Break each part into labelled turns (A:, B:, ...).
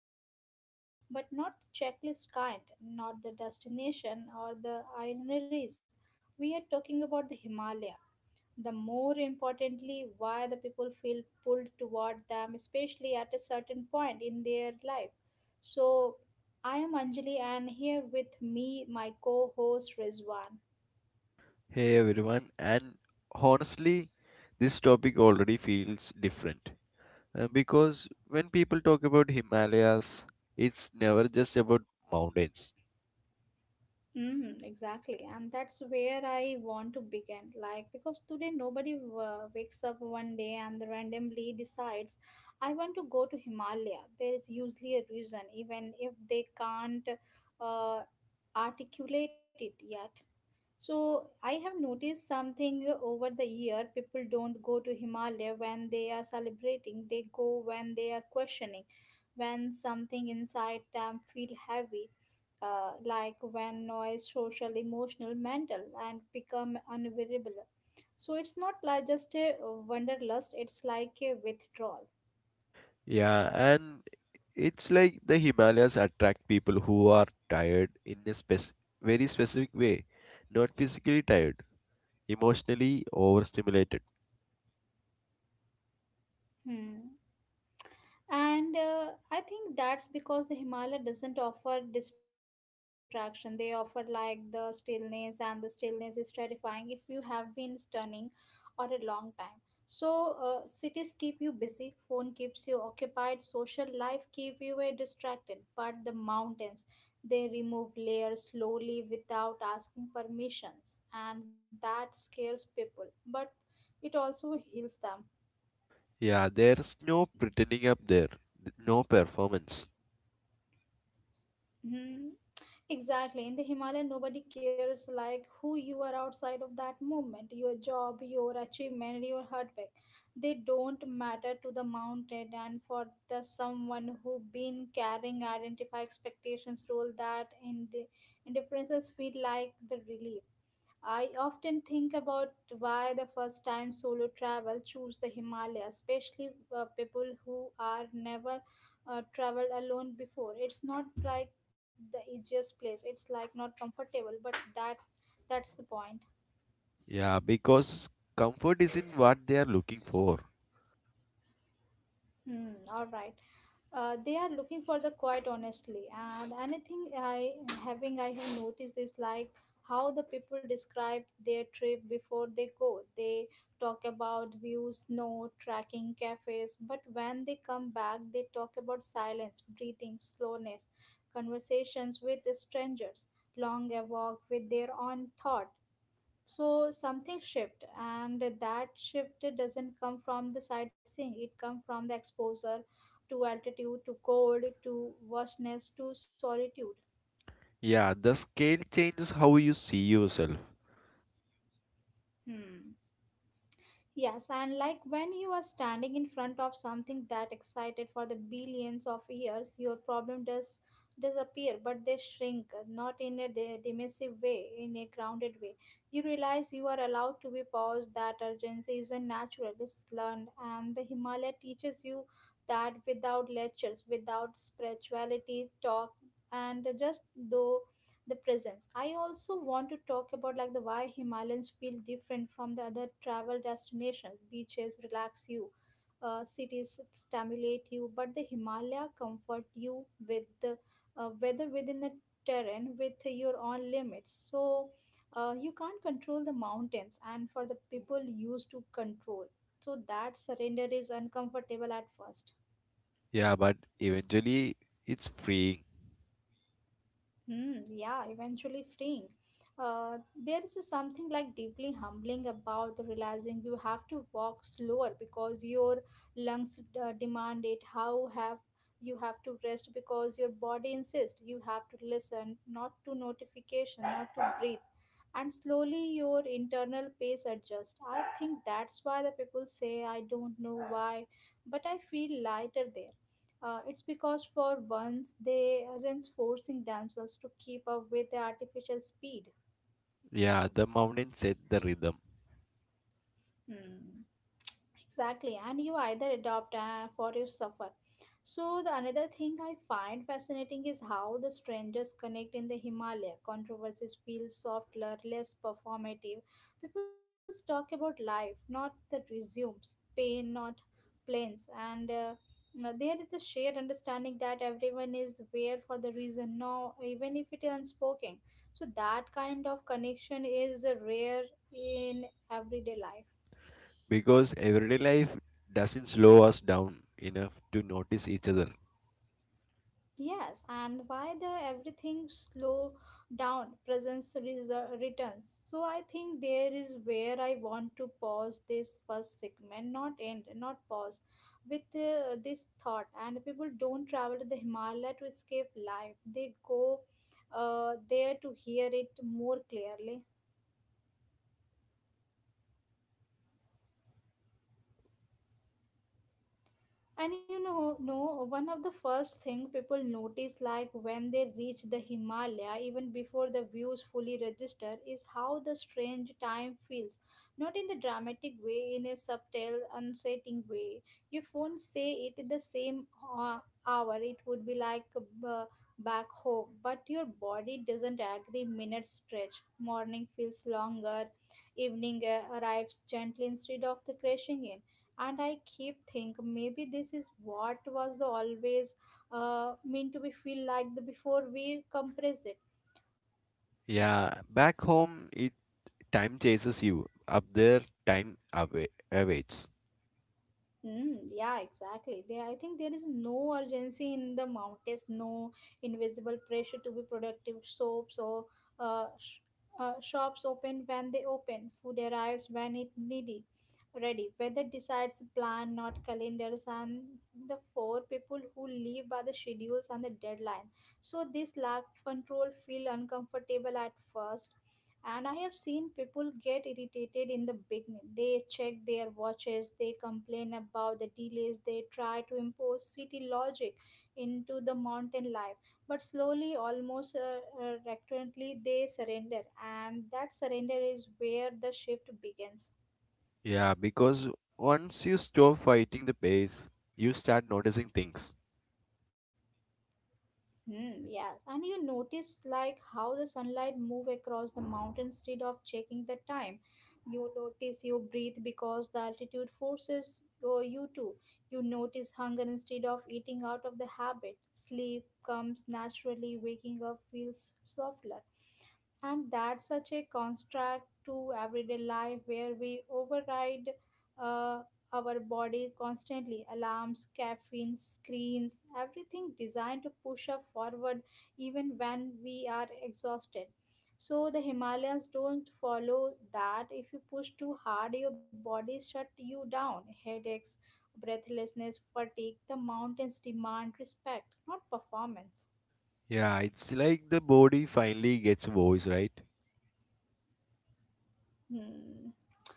A: about the travel, but not the checklist kind, not the destination or the itineraries. We are talking about the Himalaya the more importantly why the people feel pulled toward them, especially at a certain point in their life. So I am Anjali and here with me my co-host Rizwan.
B: Hey everyone, and honestly, this topic already feels different because when people talk about Himalayas, it's never just about mountains.
A: Mm, exactly, and that's where I want to begin. Like, because today nobody wakes up one day and randomly decides, I want to go to Himalaya. There is usually a reason, even if they can't uh, articulate it yet. So I have noticed something over the year. People don't go to Himalaya when they are celebrating. They go when they are questioning, when something inside them feel heavy, like when noise, social, emotional, mental, and become unbearable. So it's not like just a wanderlust. It's like a withdrawal.
B: Yeah, and it's like the Himalayas attract people who are tired in a very specific way, not physically tired, emotionally overstimulated.
A: Hmm. And I think that's because the Himalaya doesn't offer distraction. They offer like the stillness, and the stillness is terrifying if you have been stunning or a long time. So cities keep you busy, phone keeps you occupied, social life keep you distracted, but the mountains, they remove layers slowly without asking permissions, and that scares people, but it also heals them.
B: Yeah, there's no pretending up there, no performance.
A: Mhm. Exactly. In the Himalaya, nobody cares like who you are outside of that movement, your job, your achievement, your heartbreak. They don't matter to the mountain, and for the someone who been carrying identify expectations role that in the indifferences feel like the relief. I often think about why the first time solo travel choose the Himalayas, especially people who are never traveled alone before. It's not like the easiest place. It's like not comfortable, but that's the point.
B: Yeah, because comfort isn't what they are looking for.
A: Hmm, all right. They are looking for the quiet honestly, and anything I have noticed is like how the people describe their trip before they go. They talk about views, snow, tracking, cafes, but when they come back they talk about silence, breathing, slowness, conversations with strangers, long a walk with their own thought. So something shift, and that shift doesn't come from the sightseeing, it comes from the exposure to altitude, to cold, to vastness, to solitude.
B: Yeah, the scale changes how you see yourself.
A: Hmm. Yes, and like when you are standing in front of something that excited for the billions of years, your problem does disappear, but they shrink, not in a dismissive way, in a grounded way. You realize you are allowed to be paused, that urgency isn't natural, it's learned, and the Himalaya teaches you that without lectures, without spirituality talk, and just though the presence. I also want to talk about like the why Himalayans feel different from the other travel destinations. Beaches relax you, cities stimulate you, but the Himalaya comfort you with the weather, within the terrain, with your own limits. So you can't control the mountains, and for the people used to control, so that surrender is uncomfortable at first.
B: Yeah, but eventually it's freeing.
A: Hmm, yeah, eventually freeing. Uh, there is something like deeply humbling about realizing you have to walk slower because your lungs demand it. How have You have to rest because your body insists. You have to listen, not to notification, not to breathe, and slowly your internal pace adjusts. I think that's why the people say I don't know why, but I feel lighter there. It's because for once they aren't forcing themselves to keep up with the artificial speed.
B: Yeah, the mountain set the rhythm
A: Hmm. Exactly, and you either adopt or you suffer. So the another thing I find fascinating is how the strangers connect in the Himalaya. Controversies feel softer, less performative. People talk about life, not the resumes, pain, not planes, and now there is a shared understanding that everyone is there for the reason now, even if it is unspoken. So that kind of connection is rare in everyday life.
B: because everyday life doesn't slow us down enough to notice each other.
A: Yes, and why the everything slow down presence returns. So I think there is where I want to pause this first segment, not end, not pause, with this thought. And people don't travel to the Himalaya to escape life; they go there to hear it more clearly.
B: Uh,
A: And you know, no, one of the first thing people notice like when they reach the Himalaya, even before the views fully register, is how the strange time feels. Not in the dramatic way, in a subtle, unsettling way. Your phone say it in the same uh, hour, it would be like back home, but your body doesn't agree. Minutes stretch. Morning feels longer, evening arrives gently instead of the crashing in, and I keep think maybe this is what was the always meant to be feel like the before we compressed it.
B: yeah, back home it time chases you. Up there, time away, awaits.
A: Mm, yeah, exactly. There, I think there is no urgency in the mountains, no invisible pressure to be productive. Soaps or uh, sh- shops open when they open. Food arrives when it needy, ready. Weather decides plan, not calendars, and the four people who live by the schedules and the deadline. So this lack of control feel uncomfortable at first, and I have seen people get irritated in the beginning. They check their watches, they complain about the delays, they try to impose city logic into the mountain life, but slowly, almost recurrently they surrender, and that surrender is where the shift begins.
B: Yeah, because once you stop fighting the pace, you start noticing things.
A: Hmm, yes, and you notice like how the sunlight move across the mountain instead of checking the time. You notice you breathe because the altitude forces oh, you to. You notice hunger instead of eating out of the habit. Sleep comes naturally, waking up feels softer. And that's such a contrast to everyday life where we override uh, our bodies constantly, alarms, caffeine, screens, everything designed to push us forward even when we are exhausted. So the Himalayas don't follow that. If you push too hard, your body shut you down: headaches, breathlessness, fatigue. The mountains demand respect, not performance.
B: Yeah, it's like the body finally gets a voice, right?
A: Hmm.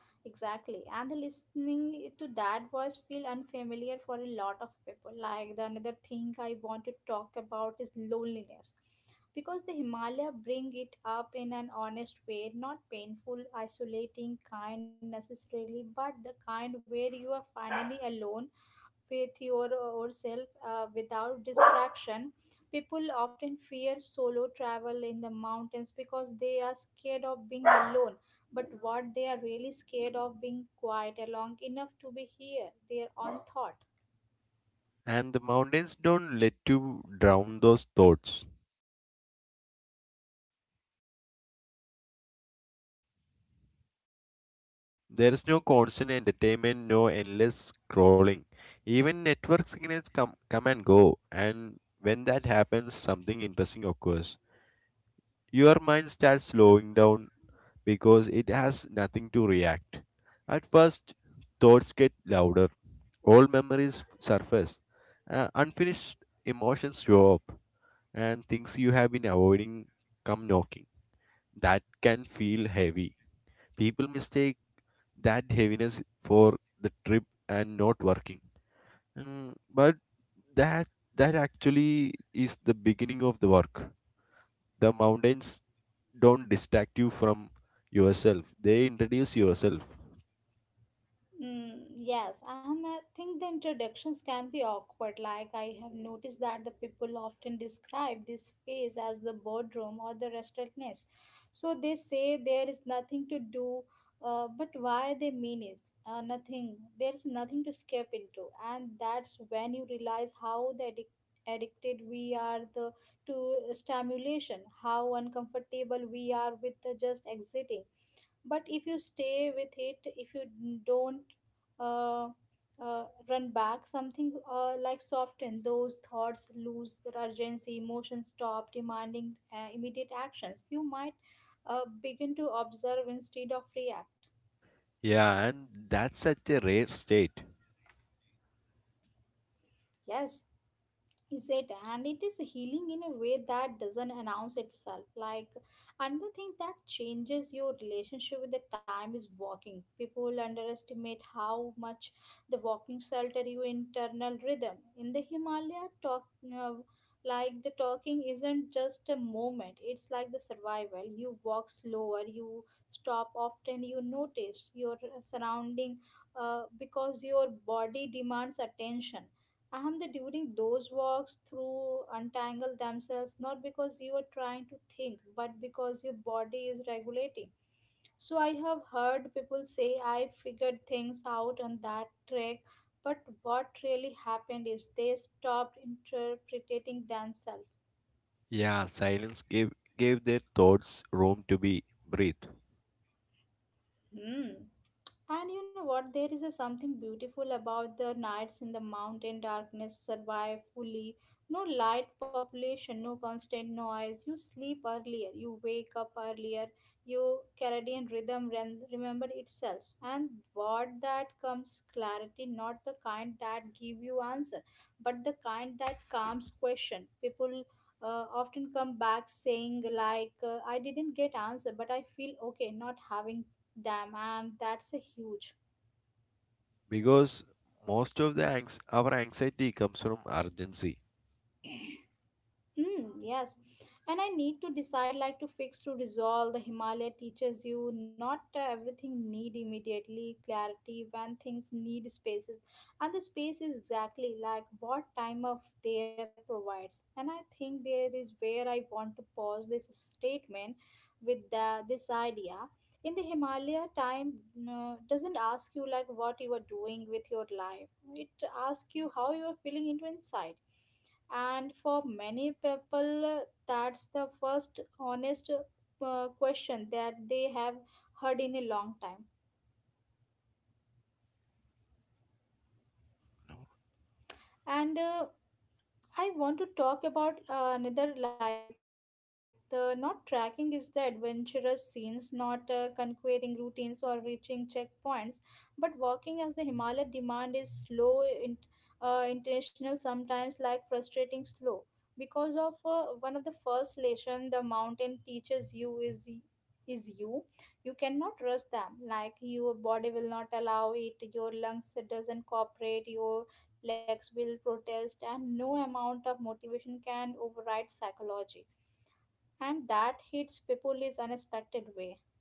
A: Exactly. And the listening to that voice feel unfamiliar for a lot of people. Like the another thing I want to talk about is loneliness. Because the Himalaya bring it up in an honest way, not painful, isolating kind necessarily, but the kind where you are finally alone with yourself without distraction. People often fear solo travel in the mountains because they are scared of being alone, but what they are really scared of being quiet along enough to be here their own thought.
B: And the mountains don't let you drown those thoughts. There is no constant entertainment, no endless scrolling. Even network signals come and go, and when that happens, something interesting occurs. Your mind starts slowing down because it has nothing to react. At first, thoughts get louder, old memories surface, unfinished emotions show up, and things you have been avoiding come knocking. That can feel heavy. People mistake that heaviness for the trip and not working. Mm, but that that actually is the beginning of the work. The mountains don't distract you from yourself. They introduce yourself.
A: Mm, yes, and I think the introductions can be awkward. Like, I have noticed that the people often describe this phase as the boardroom or the restlessness. So they say there is nothing to do, but why they mean is nothing. There's nothing to skip into. And that's when you realize how the addicted we are the to stimulation, how uncomfortable we are with the just exiting. But if you stay with it, if you don't uh, run back something like soften those thoughts, lose their urgency, emotions stop demanding immediate actions, you might begin to observe instead of react.
B: Yeah, and that's such a rare state.
A: Yes is it, and it is healing in a way that doesn't announce itself. Like another thing that changes your relationship with the time is walking. People underestimate how much the walking alter your internal rhythm. In the Himalaya talk, uh, like the talking isn't just a moment, it's like the survival. You walk slower, you stop often, you notice your surrounding because your body demands attention, and they during those walks through untangle themselves, not because you are trying to think, but because your body is regulating. So I have heard people say I figured things out on that trek, but what really happened is they stopped interpreting themselves.
B: Yeah, silence gave their thoughts room to be breathed
A: Hmm. And you know what? There is a something beautiful about the nights in the mountain. Darkness survive fully. No light population, no constant noise. You sleep earlier, you wake up earlier. Your Caribbean rhythm remember itself. And what that comes clarity, not the kind that give you answer, but the kind that calms question. People often come back saying like, I didn't get answer, but I feel okay not having. Damn, and that's a huge.
B: because most of our anxiety comes from urgency.
A: Hmm, yes. And I need to decide like to fix to resolve. The Himalaya teaches you not everything need immediately clarity when things need spaces. And the space is exactly like what time of there provides. And I think there is where I want to pause this statement with this idea. In the Himalaya, time doesn't ask you like what you are doing with your life. It asks you how you are feeling into inside and for many people that's the first honest question that they have heard in a long time and I want to talk about another like the not tracking is the adventurous scenes, not conquering routines or reaching checkpoints, but walking as the Himalaya demand is slow, in, intentional, sometimes like frustrating slow. Because of one of the first lesson the mountain teaches you is you. You cannot rush them. Like your body will not allow it, your lungs doesn't cooperate, your legs will protest, and no amount of motivation can override psychology. And that hits people is unexpected way.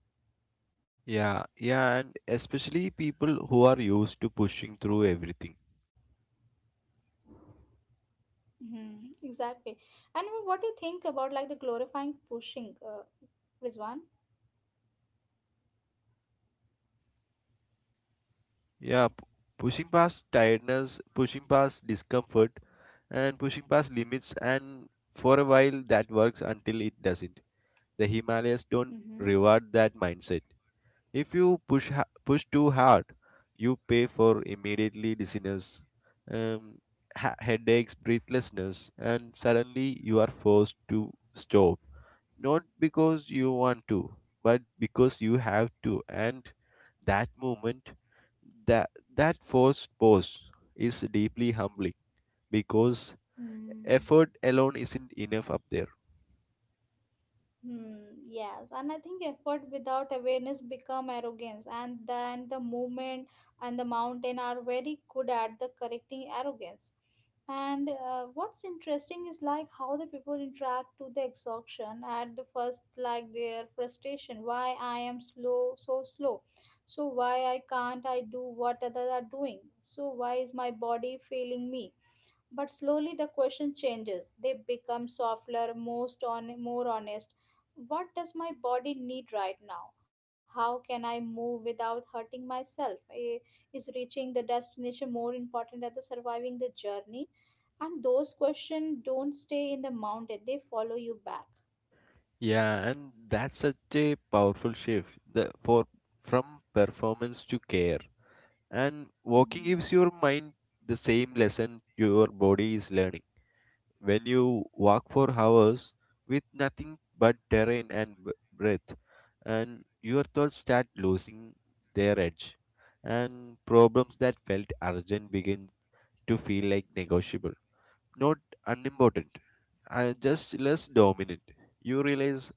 B: Yeah, yeah, and especially people who are used to pushing through everything.
A: Exactly. And what do you think about like the glorifying pushing, Rizwan?
B: Yeah, pushing past tiredness, pushing past discomfort, and pushing past limits, and for a while that works until it doesn't. The Himalayas don't
A: Mm-hmm.
B: reward that mindset. If you push too hard, you pay for immediately dizziness, um, headaches, breathlessness, and suddenly you are forced to stop not because you want to, but because you have to. And that moment, that that forced pause is deeply humbling because
A: Hmm.
B: effort alone isn't enough up there.
A: Hmm, yes, and I think effort without awareness become arrogance, and then the movement and the mountain are very good at the correcting arrogance. And what's interesting is like how the people interact to the exhaustion at the first, like their frustration. Why I am slow. So why I can't I do what others are doing? So why is my body failing me? But slowly the question changes. They become softer, most on, more honest. What does my body need right now? How can I move without hurting myself? Is reaching the destination more important than the surviving the journey? And those questions don't stay in the mountain, they follow you back.
B: Yeah, and that's such a powerful shift the, for from performance to care. And walking
A: Hmm.
B: gives your mind the same lesson your body is learning. When you walk for hours with nothing but terrain and breath, and your thoughts start losing their edge, and problems that felt urgent begin to feel like negotiable, not unimportant, and just less dominant. You realize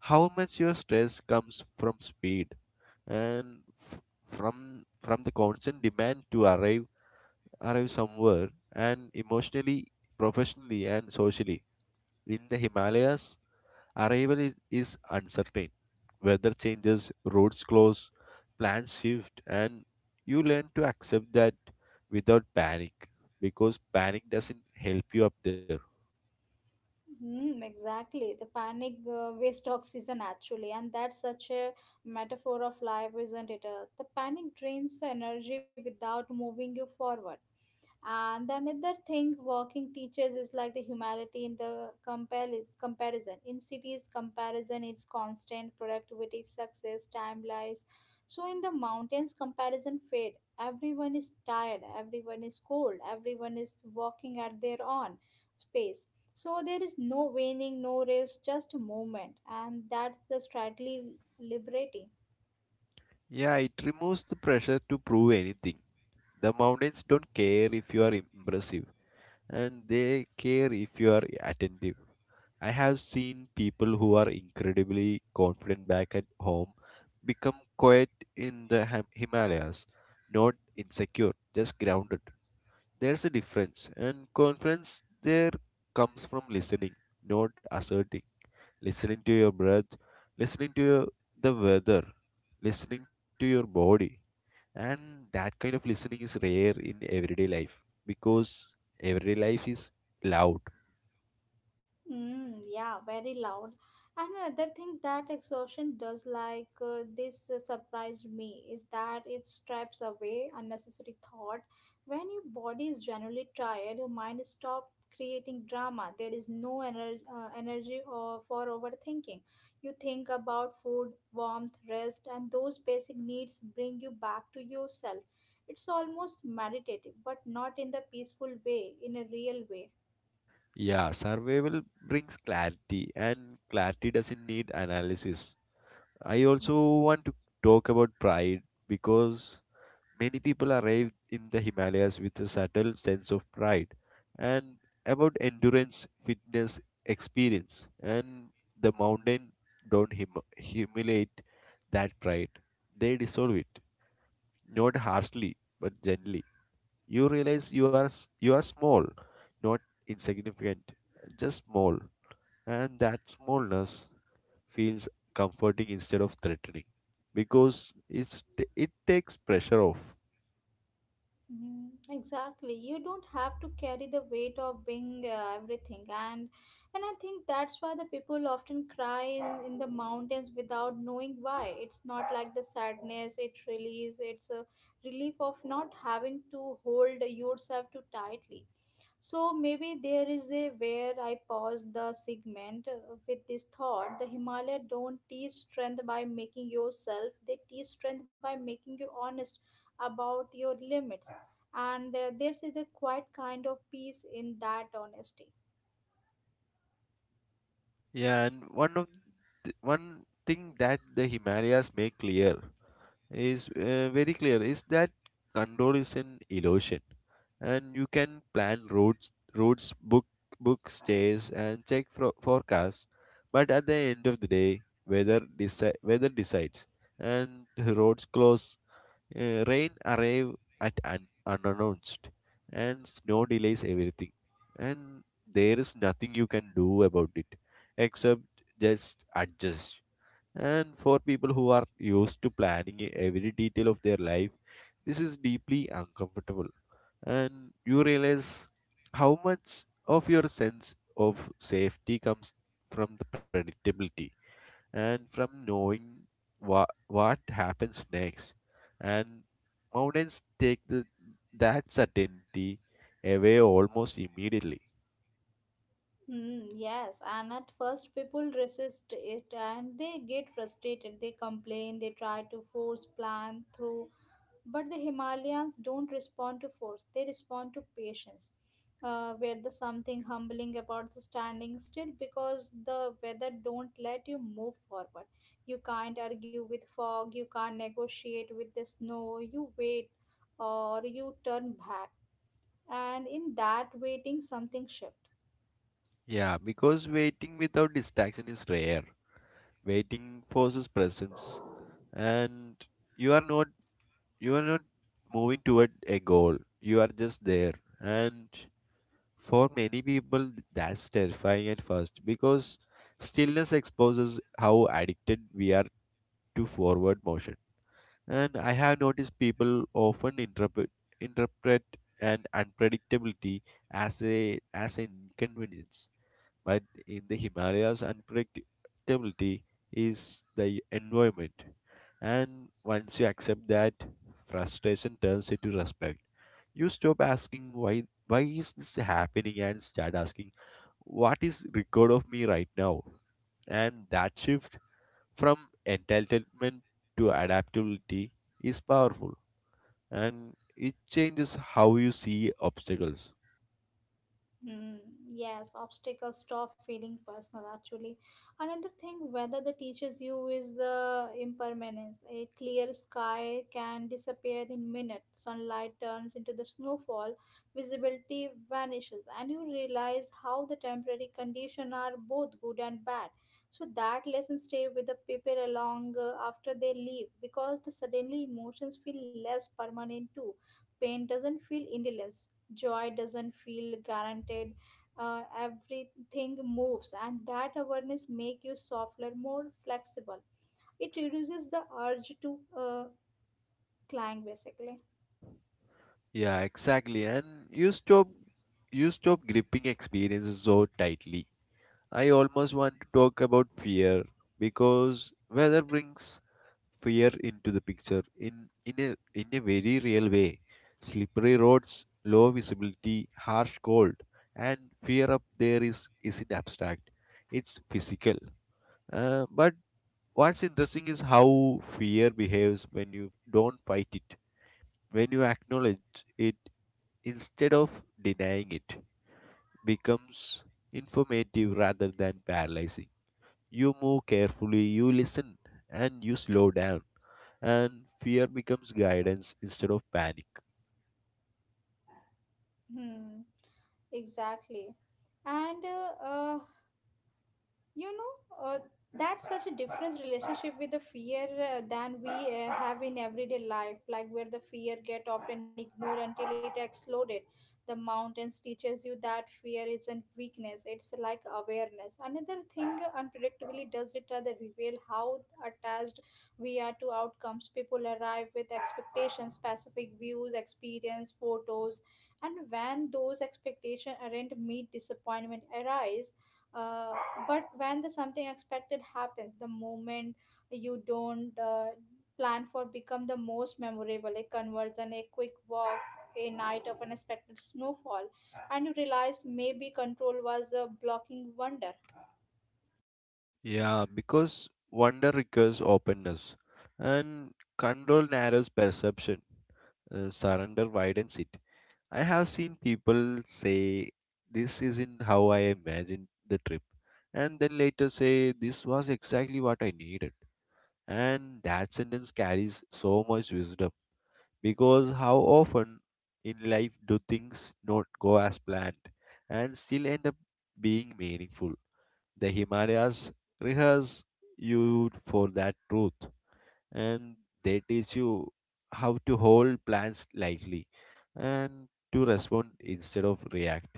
B: how much your stress comes from speed and f- from the constant demand to arrive somewhere and emotionally professionally and socially in the Himalayas, arrival is uncertain. Weather changes, roads close, plans shift, and you learn to accept that without panic because panic doesn't help you up there.
A: Hmm, exactly. The panic waste oxygen actually, and that's such a metaphor of life, isn't it? The panic drains the energy without moving you forward. And the another thing walking teaches is like the humanity in the compare is comparison. In cities, comparison is constant, productivity, success, time lies. So in the mountains, comparison fade. Everyone is tired, everyone is cold, everyone is walking at their own space. So there is no waning, no race, just movement, and that's the strategy liberating.
B: Yeah, it removes the pressure to prove anything. The mountains don't care if you are impressive, and they care if you are attentive. I have seen people who are incredibly confident back at home become quiet in the Himalayas, not insecure, just grounded. There's a difference, and confidence there comes from listening, not asserting. Listening to your breath, listening to the weather, listening to your body. And that kind of listening is rare in everyday life because everyday life is loud.
A: Mm, yeah, very loud. And another thing that exhaustion does, like this surprised me, is that it strips away unnecessary thought. When your body is generally tired, your mind stops creating drama. There is no energy or for overthinking. You think about food, warmth, rest, and those basic needs bring you back to yourself. It's almost meditative, but not in the peaceful way, in a real way.
B: Yeah, survival brings clarity, and clarity doesn't need analysis. I also
A: Mm-hmm.
B: want to talk about pride because many people arrive in the Himalayas with a subtle sense of pride and about endurance, fitness, experience, and the mountain don't humiliate that pride. They dissolve it, not harshly but gently. You realize you are small, not insignificant, just small, and that smallness feels comforting instead of threatening because it takes pressure off.
A: Mm, exactly. You don't have to carry the weight of being everything, and I think that's why the people often cry in the mountains without knowing why. It's not like the sadness; it release. It's a relief of not having to hold yourself too tightly. So maybe there is a where I pause the segment with this thought: the Himalaya don't teach strength by making yourself; they teach strength by making you honest about your limits and there is a quiet kind of peace in that honesty.
B: Yeah, and one of one thing that the Himalayas make clear is very clear is that control is an illusion, and you can plan roads, book stays and check for forecasts, but at the end of the day weather decides, and roads close. Rain arrive at unannounced, and snow delays everything, and there is nothing you can do about it except just adjust. And for people who are used to planning every detail of their life, this is deeply uncomfortable, and you realize how much of your sense of safety comes from the predictability and from knowing what happens next, and mountains take that certainty away almost immediately.
A: Mm, yes, and at first people resist it and they get frustrated. They complain, they try to force plan through, but the Himalayans don't respond to force, they respond to patience. Where the something humbling about the standing still because the weather don't let you move forward. You can't argue with fog, you can't negotiate with the snow, you wait or you turn back. And in that waiting, something shifts.
B: Yeah, because waiting without distraction is rare. Waiting forces presence, and you are not you are not moving toward a goal, you are just there, and for many people that's terrifying at first because stillness exposes how addicted we are to forward motion. And I have noticed people often interpret an unpredictability as a as an inconvenience. But in the Himalayas, unpredictability is the environment. And once you accept that, frustration turns into respect. You stop asking why is this happening and start asking what is record of me right now, and that shift from entitlement to adaptability is powerful, and it changes how you see obstacles.
A: Hmm, yes, obstacles stop feeling personal actually. Another thing, weather that teaches you is the impermanence. A clear sky can disappear in minutes, sunlight turns into the snowfall, visibility vanishes, and you realize how the temporary conditions are both good and bad. So that lesson stay with the people along after they leave because the suddenly emotions feel less permanent too. Pain doesn't feel endless, joy doesn't feel guaranteed, everything moves and that awareness make you softer more flexible. It reduces the urge to climb basically.
B: Yeah, exactly, and you stop gripping experiences so tightly. I almost want to talk about fear because weather brings fear into the picture in a very real way, slippery roads, low visibility, harsh cold, and fear up there is isn't abstract, it's physical. But what's interesting is how fear behaves when you don't fight it, when you acknowledge it instead of denying it, becomes informative rather than paralyzing. You move carefully, you listen, and you slow down, and fear becomes guidance instead of panic.
A: hmm, exactly. And you know uh, that's such a different relationship with the fear than we have in everyday life like where the fear get often ignored until it exploded. The mountains teaches you that fear isn't weakness, it's like awareness. Another thing unpredictably does it rather reveal how attached we are to outcomes. People arrive with expectations, specific views, experience photos, and when those expectations aren't meet disappointment arise. uh, but when the something expected happens the moment you don't plan for become the most memorable, a conversion, a quick walk, a night of unexpected snowfall, and you realize maybe control was a blocking wonder.
B: Yeah, because wonder requires openness, and control narrows perception. Surrender widens it. I have seen people say, This isn't how I imagined the trip, and then later say, This was exactly what I needed. And that sentence carries so much wisdom because how often in life do things not go as planned and still end up being meaningful? The Himalayas rehearse you for that truth, and they teach you how to hold plans lightly and to respond instead of react.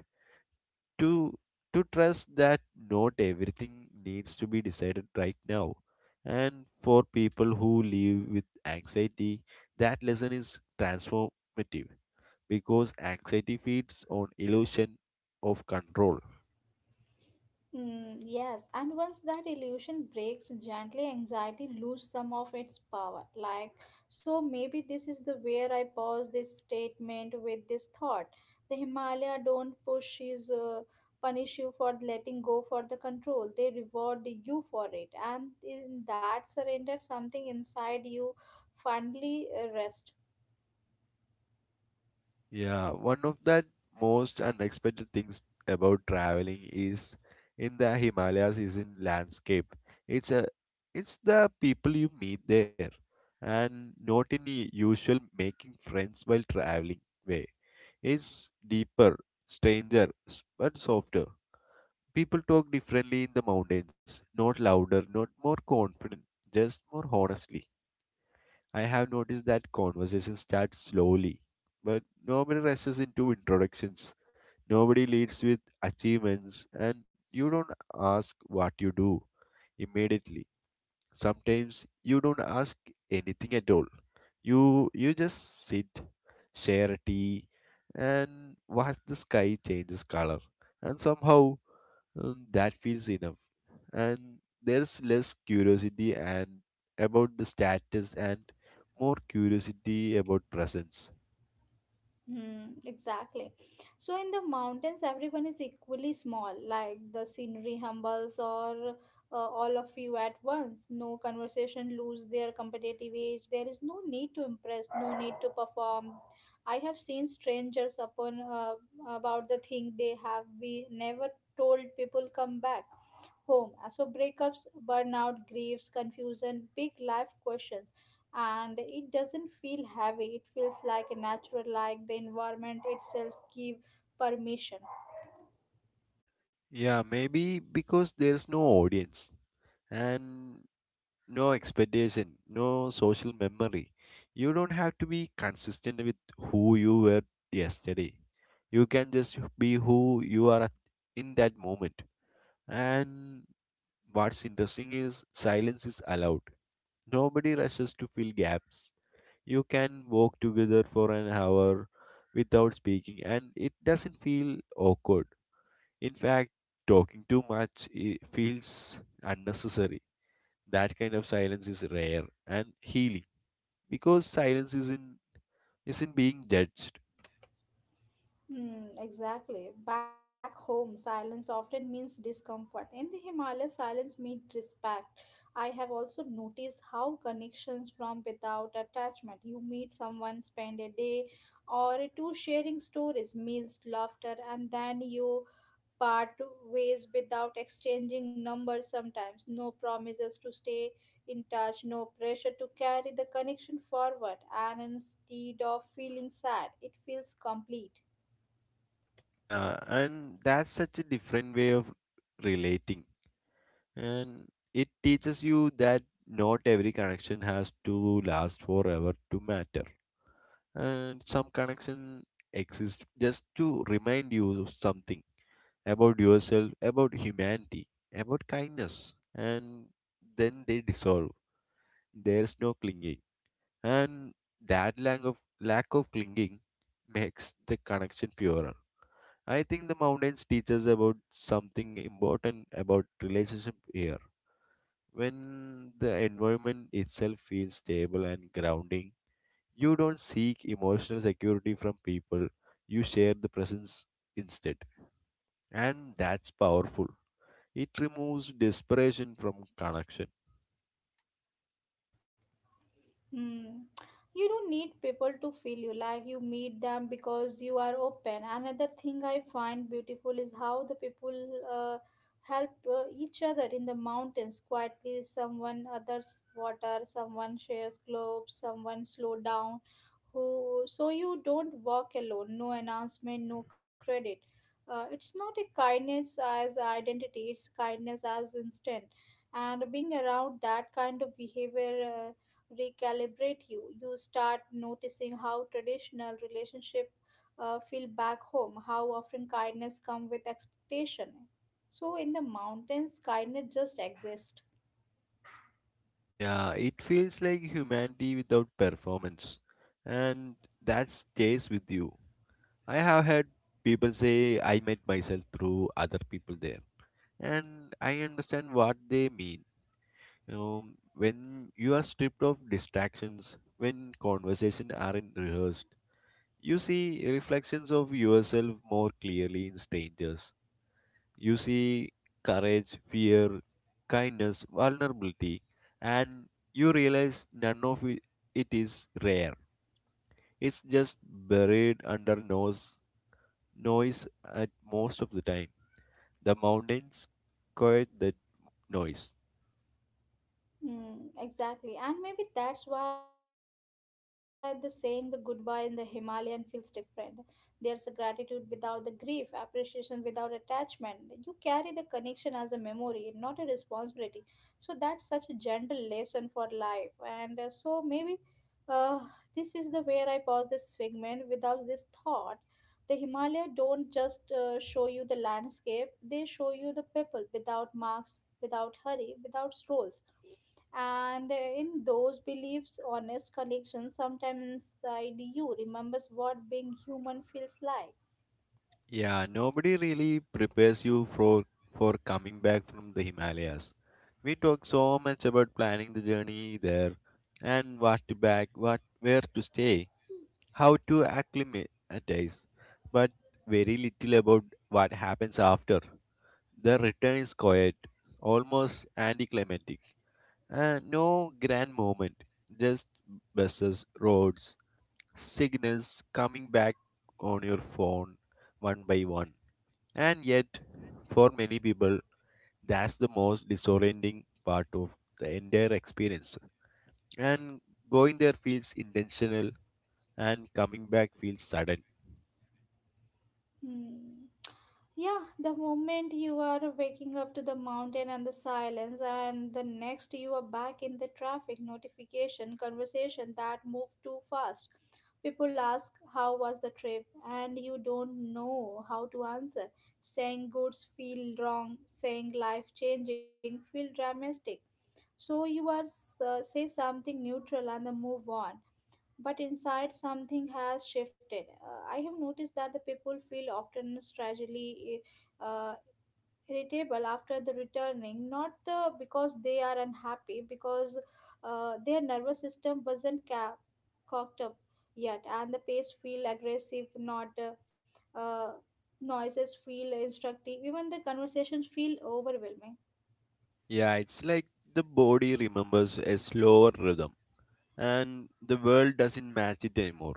B: To to trust that not everything needs to be decided right now. And for people who live with anxiety, that lesson is transformative because anxiety feeds on illusion of control.
A: Mm, yes, and once that illusion breaks gently, anxiety loses some of its power. Like, so maybe this is the where I pause this statement with this thought. The Himalaya don't push is punish you for letting go for the control. They reward you for it, and in that surrender, something inside you finally rests.
B: Yeah, one of the most unexpected things about traveling is in the Himalayas is in landscape. It's a it's the people you meet there, and not any usual making friends while traveling way. It's deeper, stranger, but softer. People talk differently in the mountains, not louder, not more confident, just more honestly. I have noticed that conversation starts slowly, but nobody rushes into introductions. Nobody leads with achievements, and you don't ask what you do immediately. Sometimes you don't ask anything at all. You just sit, share tea, and watch the sky changes color, and somehow that feels enough, and there's less curiosity and about the status and more curiosity about presence.
A: Hmm, exactly. So in the mountains, everyone is equally small. Like the scenery humbles or all of you at once. No conversation lose their competitive edge. There is no need to impress, no need to perform. I have seen strangers upon about the thing they have we never told people come back home. So breakups, burnout, griefs, confusion, big life questions. And it doesn't feel heavy. It feels like a natural, like the environment itself give permission.
B: Yeah, maybe because there's no audience and no expectation, no social memory. You don't have to be consistent with who you were yesterday, you can just be who you are in that moment. And what's interesting is silence is allowed, nobody rushes to fill gaps. You can walk together for an hour without speaking and it doesn't feel awkward. In fact, talking too much feels unnecessary. That kind of silence is rare and healing because silence isn't being judged.
A: Hmm, exactly. Back home, silence often means discomfort. In the Himalayas, silence means respect. I have also noticed how connections from without attachment. You meet someone, spend a day or two sharing stories, meals, laughter, and then you part ways without exchanging numbers sometimes. No promises to stay in touch, no pressure to carry the connection forward. And instead of feeling sad, it feels complete.
B: Yeah, and that's such a different way of relating, and it teaches you that not every connection has to last forever to matter, and some connection exists just to remind you of something about yourself, about humanity, about kindness, and then they dissolve. There's no clinging, and that lack of clinging makes the connection purer. I think the mountains teach us about something important about relationship here. When the environment itself feels stable and grounding, you don't seek emotional security from people, you share the presence instead. And that's powerful. It removes desperation from connection.
A: Hmm. You don't need people to feel you like you meet them because you are open. Another thing I find beautiful is how the people uh, help each other in the mountains quietly. Someone others water, someone shares globes, someone slow down who so you don't walk alone, no announcement, no credit. It's not a kindness as identity, it's kindness as instant. And being around that kind of behavior recalibrate you. You start noticing how traditional relationship feel back home, how often kindness come with expectation. So in the mountains kindness just exists.
B: Yeah, it feels like humanity without performance. And that stays with you. I have had people say I met myself through other people there. And I understand what they mean. You know, when you are stripped of distractions, when conversations aren't rehearsed, you see reflections of yourself more clearly in strangers. You see courage, fear, kindness, vulnerability, and you realize none of it is rare. It's just buried under noise at most of the time. The mountains quiet that noise.
A: Mm, exactly. And maybe that's why the saying the goodbye in the Himalayan feels different. There's a gratitude without the grief, appreciation without attachment. You carry the connection as a memory, not a responsibility. So that's such a gentle lesson for life. And so maybe uh, this is the where I pause this segment without this thought. The Himalaya don't just show you the landscape, they show you the people without marks, without hurry, without roles, and in those beliefs, honest connection sometime inside you remembers what being human feels like.
B: Yeah, nobody really prepares you for coming back from the Himalayas. We talk so much about planning the journey there and what to pack, what where to stay, how to acclimatize, but very little about what happens after. The return is quiet, almost anticlimactic, and no grand moment, just buses, roads, signals coming back on your phone one by one, and yet, for many people, that's the most disorienting part of the entire experience. And going there feels intentional, and coming back feels sudden.
A: Hmm. Yeah, the moment you are waking up to the mountain and the silence, and the next you are back in the traffic notification conversation that move too fast. People ask, "How was the trip?" and you don't know how to answer. Saying goods feel wrong, saying life changing feel dramatic. So you are say something neutral and then move on. But inside something has shifted. I have noticed that the people feel often strangely uh, uh, irritable after the returning, not the, because they are unhappy, because their nervous system wasn't cocked up yet, and the pace feel aggressive, not noises feel instructive, even the conversations feel overwhelming.
B: Yeah, it's like the body remembers a slower rhythm, and the world doesn't match it anymore.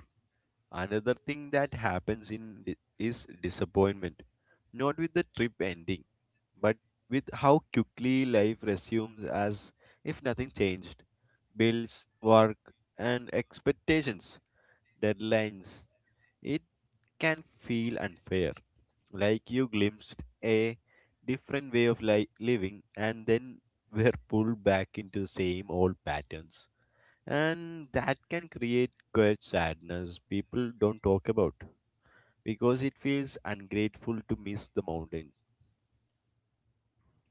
B: Another thing that happens is disappointment, not with the trip ending but with how quickly life resumes as if nothing changed: bills, work, and expectations, deadlines. It can feel unfair, like you glimpsed a different way of living, and then were pulled back into the same old patterns. And that can create quiet sadness people don't talk about, because it feels ungrateful to miss the mountain.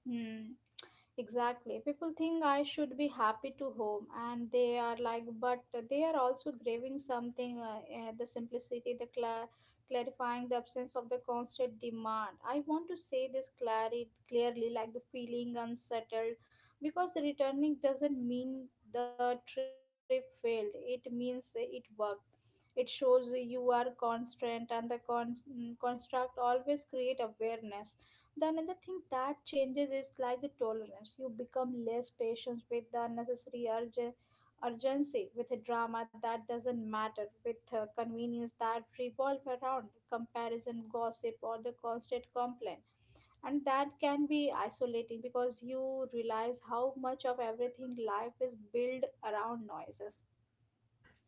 A: Hmm. Exactly. People think I should be happy to home, and they are like, but they are also craving something the simplicity, the clarifying, the absence of the constant demand. I want to say this clearly, like the feeling unsettled, because returning doesn't mean the trip failed, it means it worked. It shows you are constant, and the construct always create awareness. The another thing that changes is like the tolerance. You become less patient with the urgency, with a drama that doesn't matter, with convenience that revolve around comparison, gossip, or the constant complaint. And that can be isolating because you realize how much of everything life is built around noises.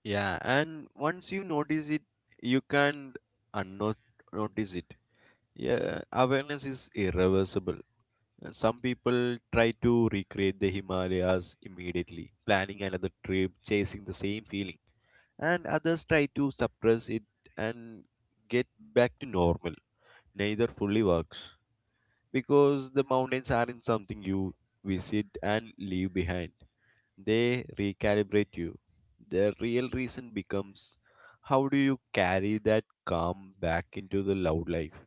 B: Yeah, and once you notice it, you can't unnot notice it. Yeah, awareness is irreversible. And some people try to recreate the Himalayas immediately, planning another trip, chasing the same feeling, and others try to suppress it and get back to normal. Neither fully works, because the mountains aren't something you visit and leave behind. They recalibrate you. The real reason becomes, how do you carry that calm back into the loud life?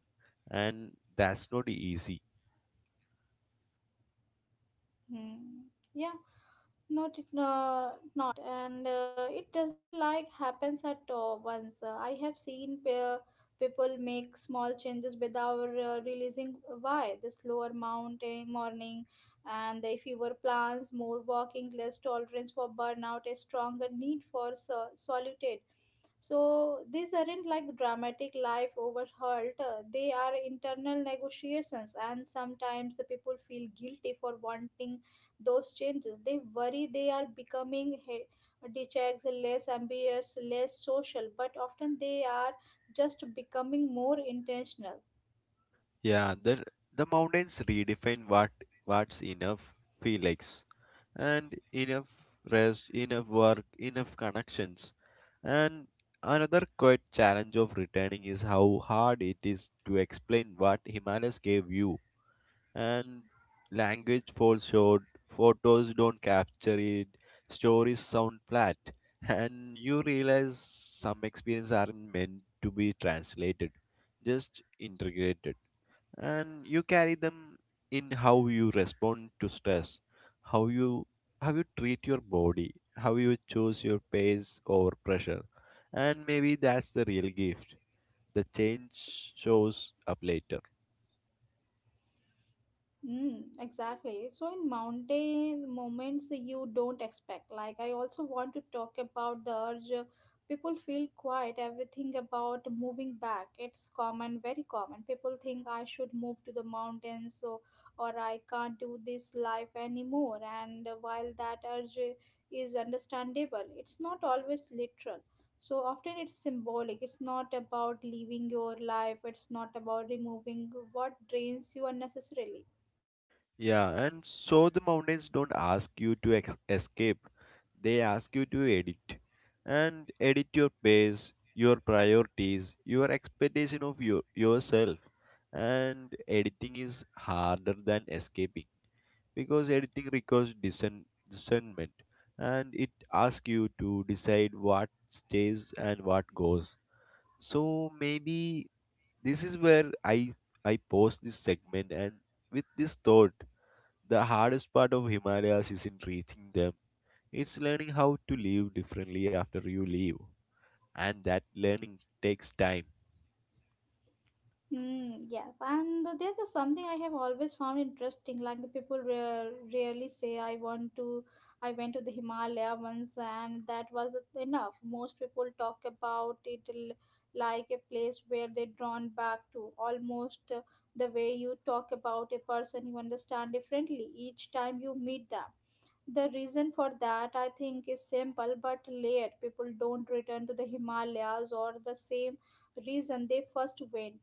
B: And that's not easy.
A: Hmm. Yeah. not not and It doesn't like happens at all once. I have seen people make small changes without realizing why, the slower mounting morning and the fewer plans, more walking, less tolerance for burnout, a stronger need for solitude. So these aren't like dramatic life overhauled, they are internal negotiations, and sometimes the people feel guilty for wanting those changes. They worry they are becoming detached, less ambitious, less social, but often they are just becoming more intentional.
B: Yeah, the mountains redefine what what's enough feel likes, and enough rest, enough work, enough connections. And another quite challenge of returning is how hard it is to explain what Himalayas gave you, and language falls short, photos don't capture it, stories sound flat, and you realize some experiences aren't meant to be translated, just integrated. And you carry them in how you respond to stress, how you how you treat your body, how you choose your pace over pressure. And maybe that's the real gift. The change shows up later.
A: Mm, exactly. So in mountain moments you don't expect. Like I also want to talk about the urge people feel quiet everything about moving back. It's common, very common. People think I should move to the mountains so or I can't do this life anymore. And while that urge is understandable, it's not always literal. So often it's symbolic. It's not about leaving your life. It's not about removing what drains you unnecessarily.
B: Yeah, and so the mountains don't ask you to escape, they ask you to edit, and edit your pace, your priorities, your expectation of your, yourself. And editing is harder than escaping, because editing requires discernment, and it asks you to decide what stays and what goes. So maybe this is where I pause this segment and with this thought: the hardest part of Himalayas isn't reaching them, it's learning how to live differently after you leave. And that learning takes time.
A: Hmm, yes, and there's just something I have always found interesting. Like the people rarely say, "I want to," I went to the Himalaya once, and that was enough. Most people talk about it like a place where they're drawn back to, almost the way you talk about a person you understand differently each time you meet them. The reason for that, I think, is simple but layered. People don't return to the Himalayas or the same reason they first went.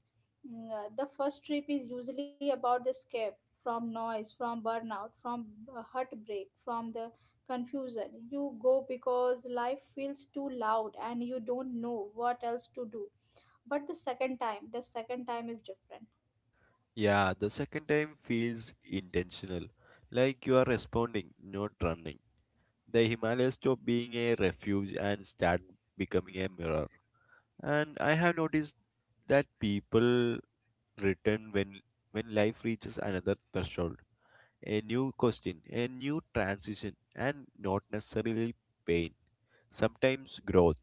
A: Mm, the first trip is usually about the escape from noise, from burnout, from heartbreak, from the confusion. You go because life feels too loud and you don't know what else to do. But the second time is different.
B: Yeah, the second time feels intentional, like you are responding, not running. The Himalayas stop being a refuge and start becoming a mirror. And I have noticed that people return when life reaches another threshold, a new question, a new transition, and not necessarily pain. Sometimes growth,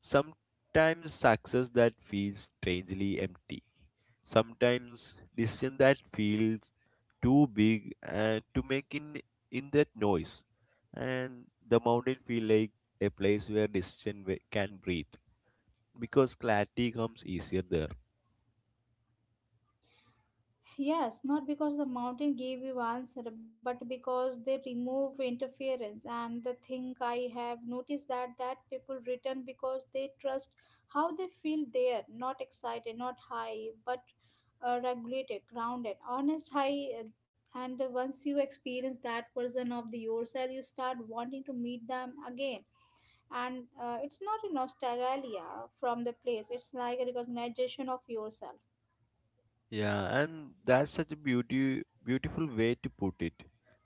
B: sometimes success that feels strangely empty, sometimes decision that feels too big and to make in that noise. And the mountain feel like a place where decision can breathe, because clarity comes easier there.
A: Yes, not because the mountain gave you answer, but because they remove interference. And the thing I have noticed that people return because they trust how they feel there, not excited, not high, but regulated, grounded, honest, high. And once you experience that version of the yourself, you start wanting to meet them again. And it's not a nostalgia from the place; it's like a recognition of yourself.
B: Yeah, and that's such a beautiful way to put it,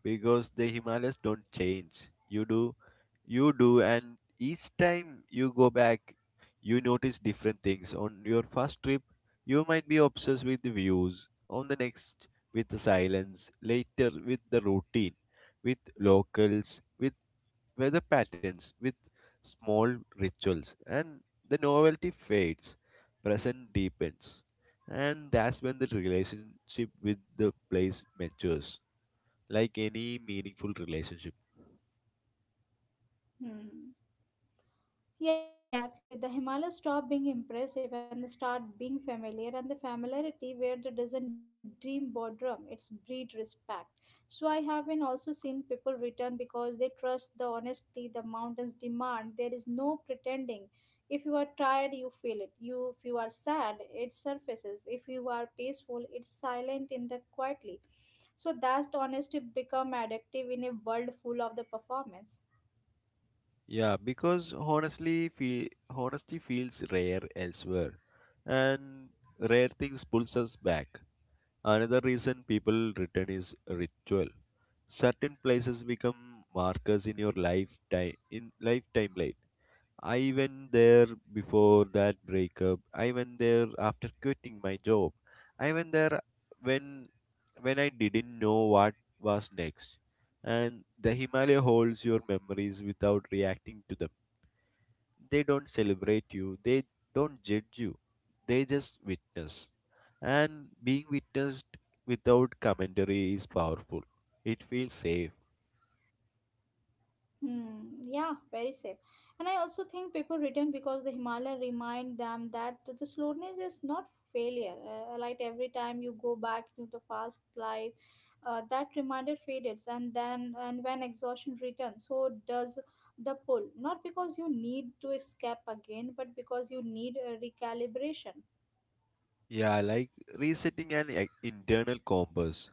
B: because the Himalayas don't change. You do, and each time you go back, you notice different things. On your first trip, you might be obsessed with the views. On the next, with the silence. Later, with the routine, with locals, with weather patterns, with small rituals. And the novelty fades, present deepens, and that's when the relationship with the place matures, like any meaningful relationship.
A: Hmm. Yes, exactly. The Himalayas stop being impressive and they start being familiar, and the familiarity where there doesn't dream boredom, it's breed respect. So I have been also seen people return because they trust the honesty the mountains demand. There is no pretending. If you are tired, you feel it. You if you are sad, it surfaces. If you are peaceful, it's silent in the quietly. So that honesty become addictive in a world full of the performance.
B: Yeah, because honestly, fe honesty feels rare elsewhere, and rare things pulls us back. Another reason people return is ritual. Certain places become markers in your lifetime in lifetime life timeline. I went there before that breakup. I went there after quitting my job. I went there when when I didn't know what was next. And the Himalaya holds your memories without reacting to them. They don't celebrate you, they don't judge you, they just witness. And being witnessed without commentary is powerful. It feels safe.
A: Hmm, yeah, very safe. And I also think people return because the Himalaya remind them that the slowness is not failure. Like every time you go back to the fast life, that reminder fades, and then and when exhaustion returns, so does the pull. Not because you need to escape again, but because you need a recalibration.
B: Yeah, like resetting an internal compass.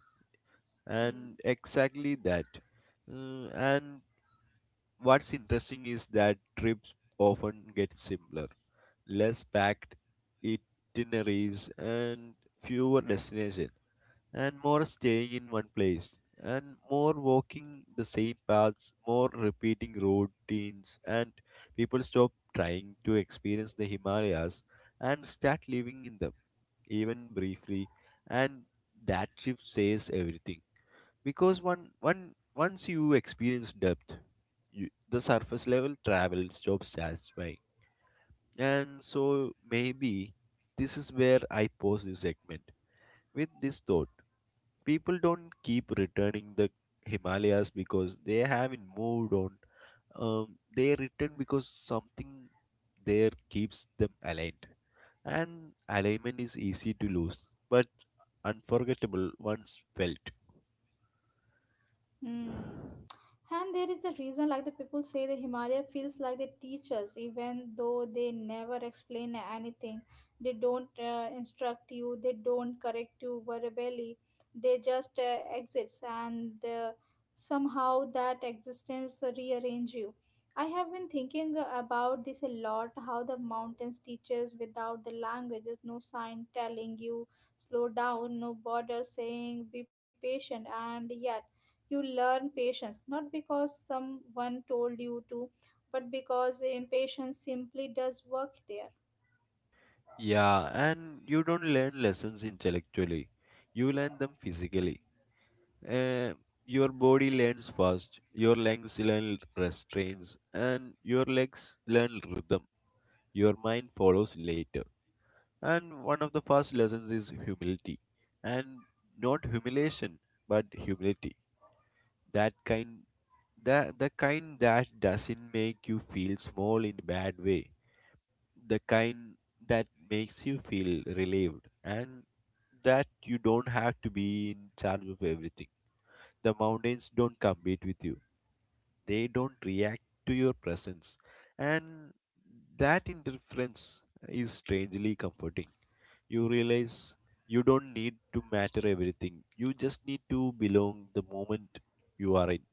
B: And
A: Hmm.
B: exactly that. Mm, and what's interesting is that trips often get simpler, less packed itineraries, and fewer destinations, and more staying in one place, and more walking the same paths, more repeating routines. And people stop trying to experience the himalayas and start living in them, even briefly. And that shift says everything, because one one once you experience depth, the surface level travel stops satisfying. And so maybe this is where I pause this segment with this thought: people don't keep returning the Himalayas because they haven't moved on. They return because something there keeps them aligned. And alignment is easy to lose, but unforgettable once felt.
A: Hmm. And there is a reason, like the people say, the Himalaya feels like they teach us, even though they never explain anything. They don't instruct you, they don't correct you verbally. They just exits, and somehow that existence rearrange you. I have been thinking about this a lot. How the mountains teaches without the languages, no sign telling you slow down, no border saying be patient, and yet you learn patience not because someone told you to, but because impatience simply does work there.
B: Yeah, and you don't learn lessons intellectually, you learn them physically. Uh, your body learns first, your lungs learn restraints, and your legs learn rhythm. Your mind follows later. And one of the first lessons is humility. And not humiliation, but humility. That kind that The kind that doesn't make you feel small in a bad way. The kind that makes you feel relieved, and that you don't have to be in charge of everything. The mountains don't compete with you. They don't react to your presence. And that indifference is strangely comforting. You realize you don't need to matter everything. You just need to belong the moment you are in.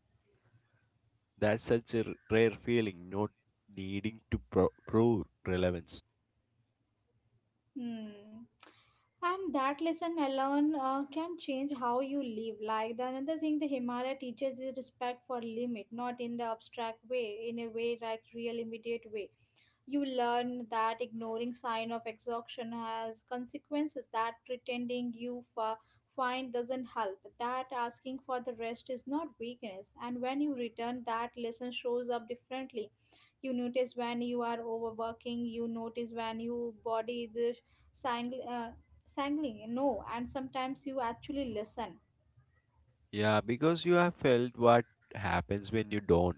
B: That's such a rare feeling, not needing to prove relevance.
A: Hmm. And that lesson alone can change how you live. Like the another thing the Himalaya teaches is respect for limit, not in the abstract way, in a way like real immediate way. You learn that ignoring sign of exhaustion has consequences that pretending you find doesn't help. That asking for the rest is not weakness, and when you return, that lesson shows up differently. You notice when you are overworking. You notice when your body is sangling. Sangling. No, and sometimes you actually listen.
B: Yeah, because you have felt what happens when you don't.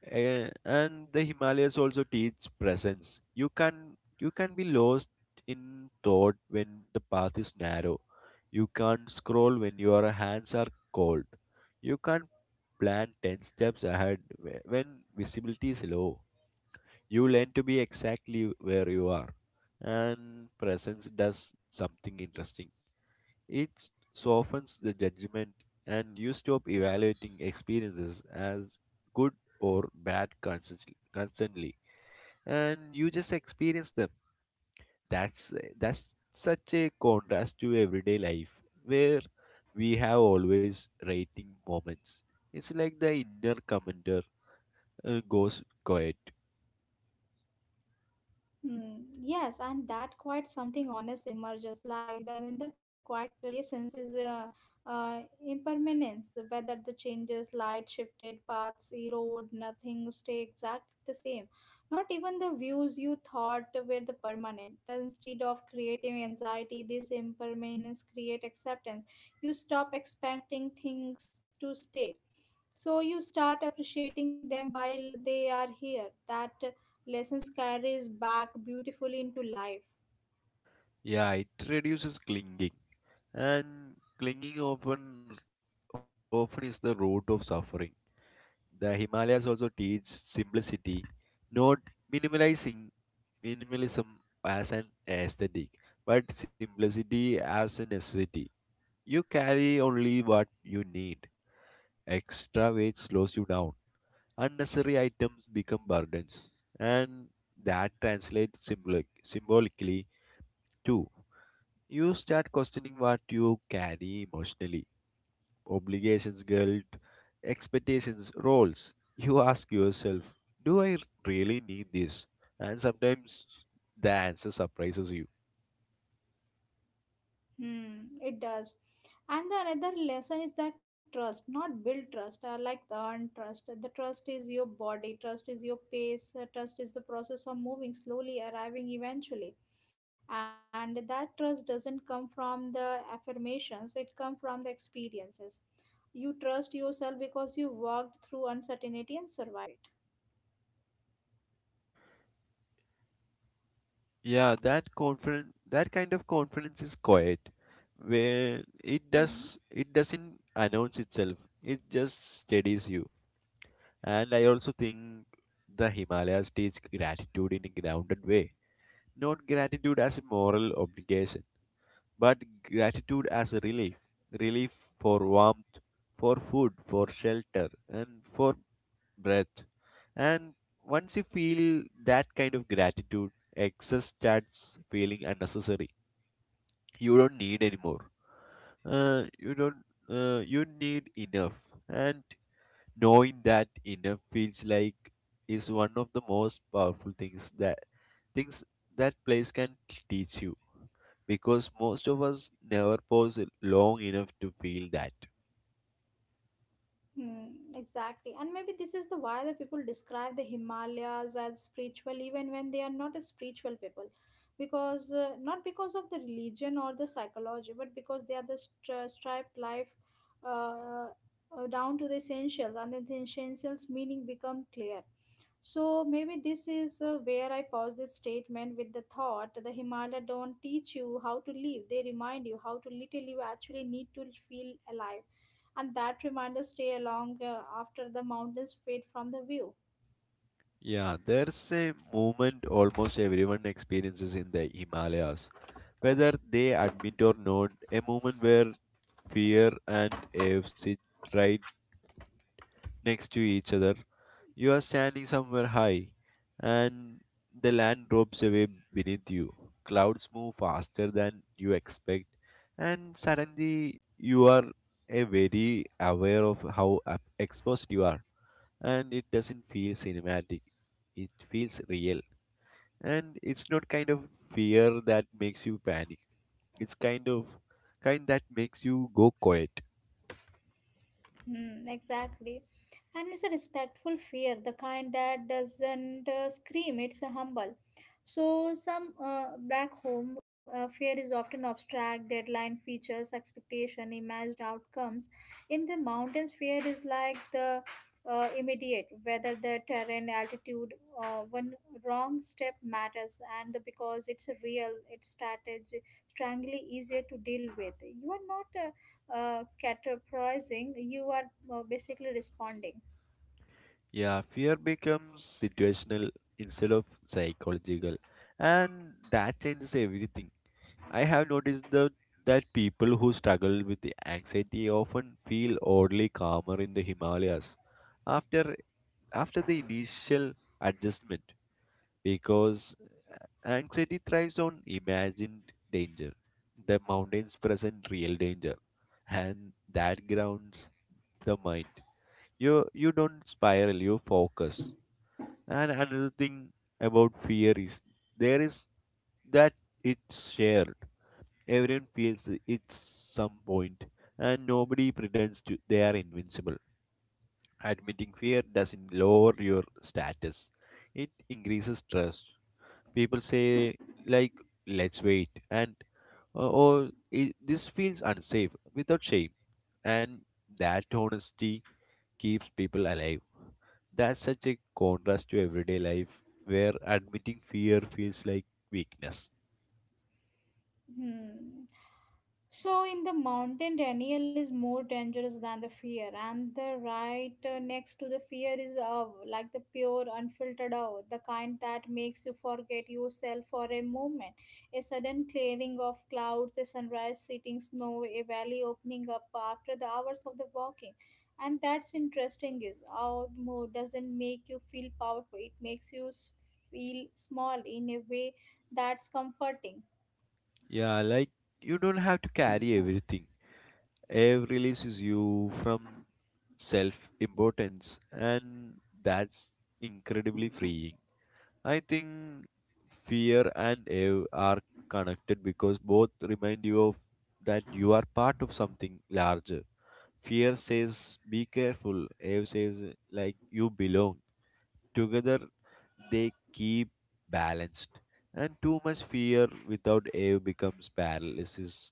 B: And the Himalayas also teach presence. You can be lost in thought when the path is narrow. You can't scroll when your hands are cold. You can't plan 10 steps ahead when visibility is low. You learn to be exactly where you are, and presence does something interesting. It softens the judgment, and you stop evaluating experiences as good or bad constantly, and you just experience them. That's that's such a contrast to everyday life where we have always rating moments. It's like the inner commander goes quiet.
A: Hmm, yes, and that quite something honest emerges. Like the another quiet relations is impermanence. Whether the changes, light shifted paths, erode, nothing stay exactly the same. Not even the views you thought were the permanent. Then instead of creating anxiety, this impermanence create acceptance. You stop expecting things to stay so you start appreciating them while they are here that lessons carries back beautifully into life.
B: Yeah, it reduces clinging, and clinging often is the root of suffering. The Himalayas also teach simplicity, not minimalizing minimalism as an aesthetic, but simplicity as a necessity. You carry only what you need. Extra weight slows you down. Unnecessary items become burdens, and that translates symbolically too. You start questioning what you carry emotionally: obligations, guilt, expectations, roles. You ask yourself, do I really need this? And sometimes the answer surprises you.
A: Hmm, it does. And the another lesson is that trust not build trust like the earned trust the trust is your body trust is your pace trust is the process of moving slowly arriving eventually and that trust doesn't come from the affirmations it comes from the experiences. You trust yourself because you worked through uncertainty and survive it.
B: Yeah, that kind of confidence is quiet, where
A: Mm-hmm.
B: it doesn't announce itself. It just steadies you. And I also think the Himalayas teach gratitude in a grounded way, not gratitude as a moral obligation, but gratitude as a relief for warmth, for food, for shelter, and for breath. And once you feel that kind of gratitude, excess starts feeling unnecessary. You don't need anymore. You don't You need enough. And knowing that enough feels like is one of the most powerful things things that place can teach you, because most of us never pause long enough to feel that.
A: Hmm, exactly. And maybe this is the why the people describe the Himalayas as spiritual even when they are not a spiritual people. Because not because of the religion or the psychology, but because they are the striped life uh, down to the essentials, and then the essentials meaning become clear. So maybe this is where I pause this statement with the thought the Himalaya don't teach you how to live; they remind you. How to little you actually need to feel alive and that reminder stay along after the mountains fade from the view.
B: Yeah, there's a moment almost everyone experiences in the Himalayas, whether they admit or not, a moment where fear and AFC right next to each other. You are standing somewhere high, and the land drops away beneath you. Clouds move faster than you expect, and suddenly you are a very aware of how exposed you are, and it doesn't feel cinematic. It feels real, and it's not kind of fear that makes you panic. It's kind of kind that makes you go quiet.
A: Hmm, exactly. And it's a respectful fear, the kind that doesn't scream, it's a humble. So, some back home, fear is often abstract, deadline features, expectation, imagined outcomes. In the mountains, fear is like the immediate, whether the terrain, altitude, one wrong step matters, and the, because it's real, it's strategy, strangely easier to deal with. You are not categorizing, you are basically responding.
B: Yeah, fear becomes situational instead of psychological, and that changes everything. I have noticed that people who struggle with the anxiety often feel oddly calmer in the Himalayas after after the initial adjustment, because anxiety thrives on imagined danger. The mountains present real danger, and that grounds the mind. You don't spiral, you focus. And another thing about fear is there is that it's shared. Everyone feels it at some point, and nobody pretends to they are invincible. Admitting fear doesn't lower your status; it increases trust. People say, like, "Let's wait," and or, "I- This feels unsafe," without shame, and that honesty keeps people alive. That's such a contrast to everyday life where admitting fear feels like weakness.
A: Hmm. So in the mountain, Daniel is more dangerous than the fear, and the right next to the fear is the awe, like the pure, unfiltered awe, the kind that makes you forget yourself for a moment. A sudden clearing of clouds, a sunrise sitting snow, a valley opening up after the hours of the walking. And that's interesting is awe more doesn't make you feel powerful. It makes you feel small in a way that's comforting.
B: Yeah, like you don't have to carry everything. Air releases you from self importance, and that's incredibly freeing. I think fear and air are connected because both remind you of that you are part of something larger. Fear says, be careful, air says, like, you belong together. They keep balanced, and too much fear without awe becomes paralysis,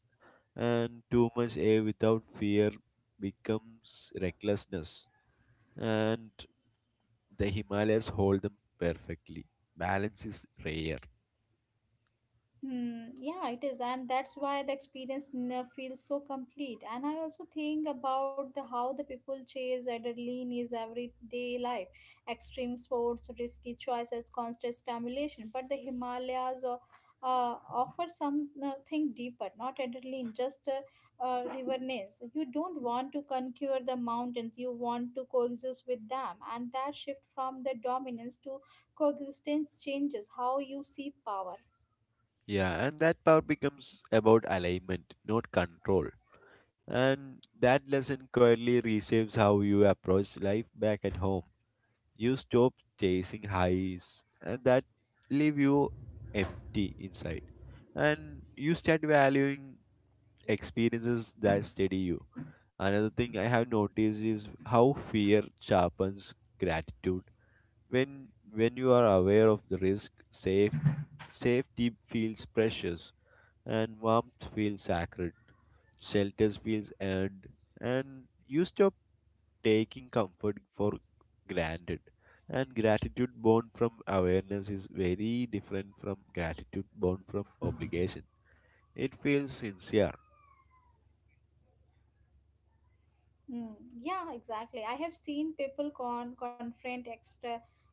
B: and too much awe without fear becomes recklessness. And the himalayas hold them perfectly. Balance is rare.
A: Hmm, yeah, it is, and that's why the experience feels so complete. And I also think about the how the people chase adrenaline is everyday life, extreme sports, risky choices, constant stimulation. But the Himalayas uh, offer something deeper, not adrenaline, just riverness. You don't want to conquer the mountains; you want to coexist with them, and that shift from the dominance to coexistence changes how you see power.
B: Yeah, and that power becomes about alignment, not control. And that lesson quietly reshapes how you approach life back at home. You stop chasing highs and that leave you empty inside, and you start valuing experiences that steady you. Another thing I have noticed is how fear sharpens gratitude when when you are aware of the risk, safety feels precious, and warmth feels sacred, shelters feels earned, and you stop taking comfort for granted. And gratitude born from awareness is very different from gratitude born from obligation. It feels sincere.
A: Mm, yeah, exactly. I have seen people confront extra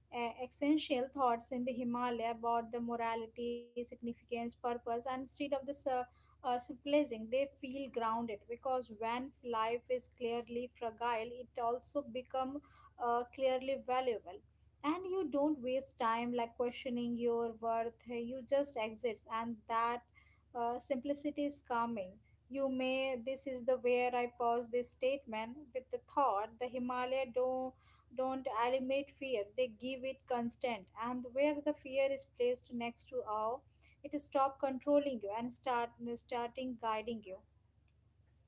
A: essential thoughts in the Himalaya about the morality, significance, purpose, and instead of this surprising, they feel grounded because when life is clearly fragile, it also become clearly valuable. And you don't waste time like questioning your worth. You just exist, and that simplicity is calming. You may, this is the where I pause this statement with the thought the Himalaya don't eliminate fear, they give it constant. And where the fear is placed next to awe, it stop controlling you and starting guiding you.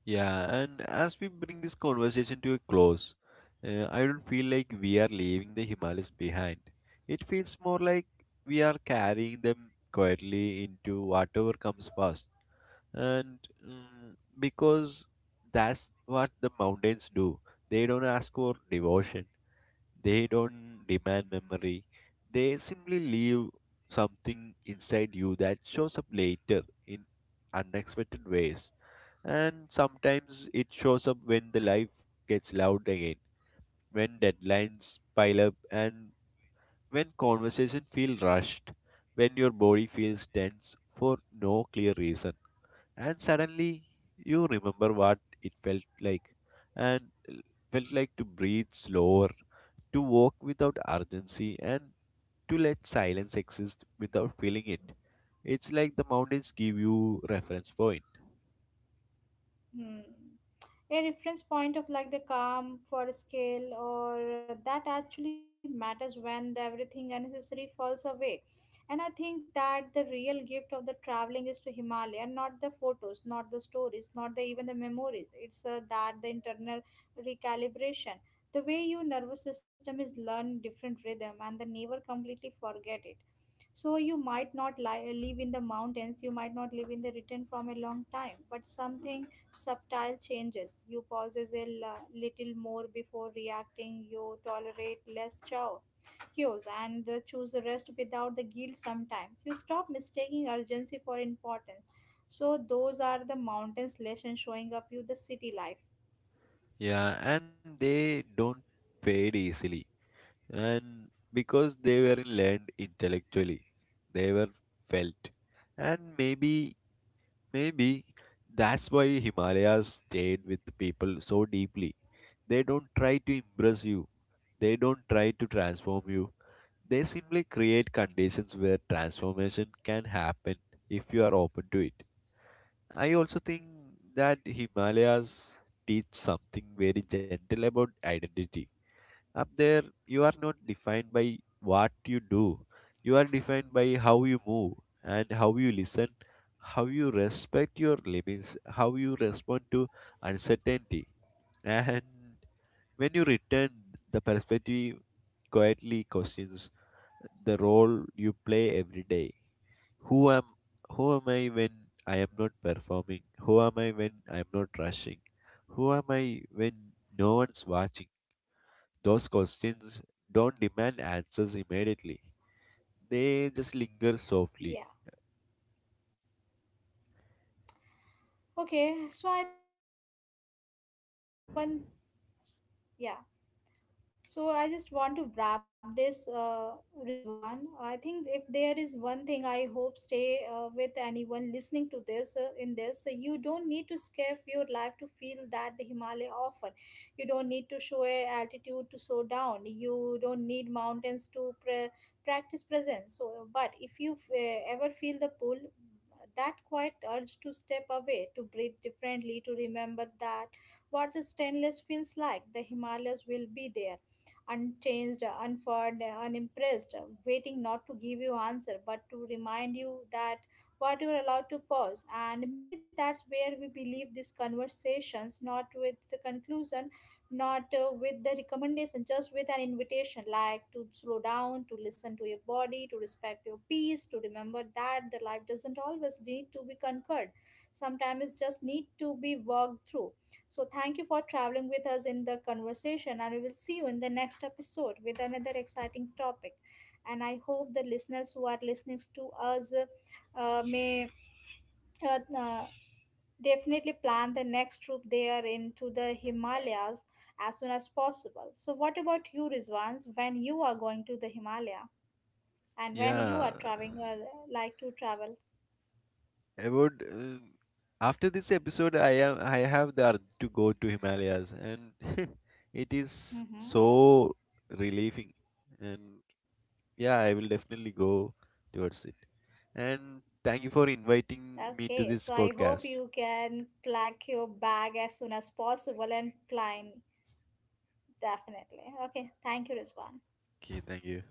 B: Yeah, and as we bring this conversation to a close, I don't feel like we are leaving the Himalayas behind. It feels more like we are carrying them quietly into whatever comes first. And mm because that's what the mountains do. They don't ask for devotion. They don't demand memory. They simply leave something inside you that shows up later in unexpected ways. And sometimes it shows up when the life gets loud again, when deadlines pile up, and when conversations feel rushed, when your body feels tense for no clear reason. And suddenly you remember what it felt like and to breathe slower, to walk without urgency, and to let silence exist without feeling it. It's like the mountains give you reference point.
A: Hmm. A reference point of like the calm for scale or that actually matters when the everything unnecessary falls away. And I think that the real gift of the traveling is to Himalaya, not the photos, not the stories, not the even the memories, it's that the internal recalibration, the way your nervous system is learn different rhythm and then never completely forget it. So you might not live in the mountains, you might not live in the written from a long time, but something subtle changes. You pauses a little more before reacting. You tolerate less chow, cues, and the choose the rest without the guilt. Sometimes you stop mistaking urgency for importance. So those are the mountains lesson showing up you the city life.
B: Yeah, and they don't fade easily. And because they weren't learned intellectually, they were felt. And maybe that's why Himalayas stayed with people so deeply. They don't try to impress you. They don't try to transform you. They simply create conditions where transformation can happen if you are open to it. I also think that Himalayas teach something very gentle about identity. Up there, you are not defined by what you do, you are defined by how you move and how you listen, how you respect your limits, how you respond to uncertainty. And when you return, the perspective quietly questions the role you play every day. Who am who am I when I am not performing? Who am I when I am not rushing? Who am I when no one's watching? Those questions don't demand answers immediately. They just linger softly.
A: Yeah. Okay. So I think there is no one. Yeah. So I just want to wrap this, Rizwan. I think if there is one thing I hope stay with anyone listening to this in this, you don't need to escape your life to feel that the Himalaya offer. You don't need to show a altitude to slow down. You don't need mountains to practice presence. So, but if you ever feel the pull, that quiet urge to step away, to breathe differently, to remember that what the stainless feels like, the Himalayas will be there unchanged, unfurred, unimpressed, waiting not to give you answer, but to remind you that what you are allowed to pause. And maybe that's where we believe these conversations, not with the conclusion, not with the recommendation, just with an invitation, like to slow down, to listen to your body, to respect your peace, to remember that the life doesn't always need to be conquered. Sometimes it just need to be walked through. So, thank you for traveling with us in the conversation, and we will see you in the next episode with another exciting topic. And I hope the listeners who are listening to us may uh, uh, definitely plan the next trip there into the Himalayas as soon as possible. So, what about you, Rizwans, when you are going to the Himalaya and when you
B: Yeah,
A: are traveling, like to travel?
B: I would. After this episode, I have the urge to go to Himalayas, and it is
A: Mm-hmm.
B: so relieving. And yeah, I will definitely go towards it. And thank you for inviting me
A: Okay,
B: to
A: so
B: this
A: I hope you
B: podcast.
A: can pack your bag as soon as possible and plan definitely. Okay, thank you, Rizwan.
B: Okay, thank you.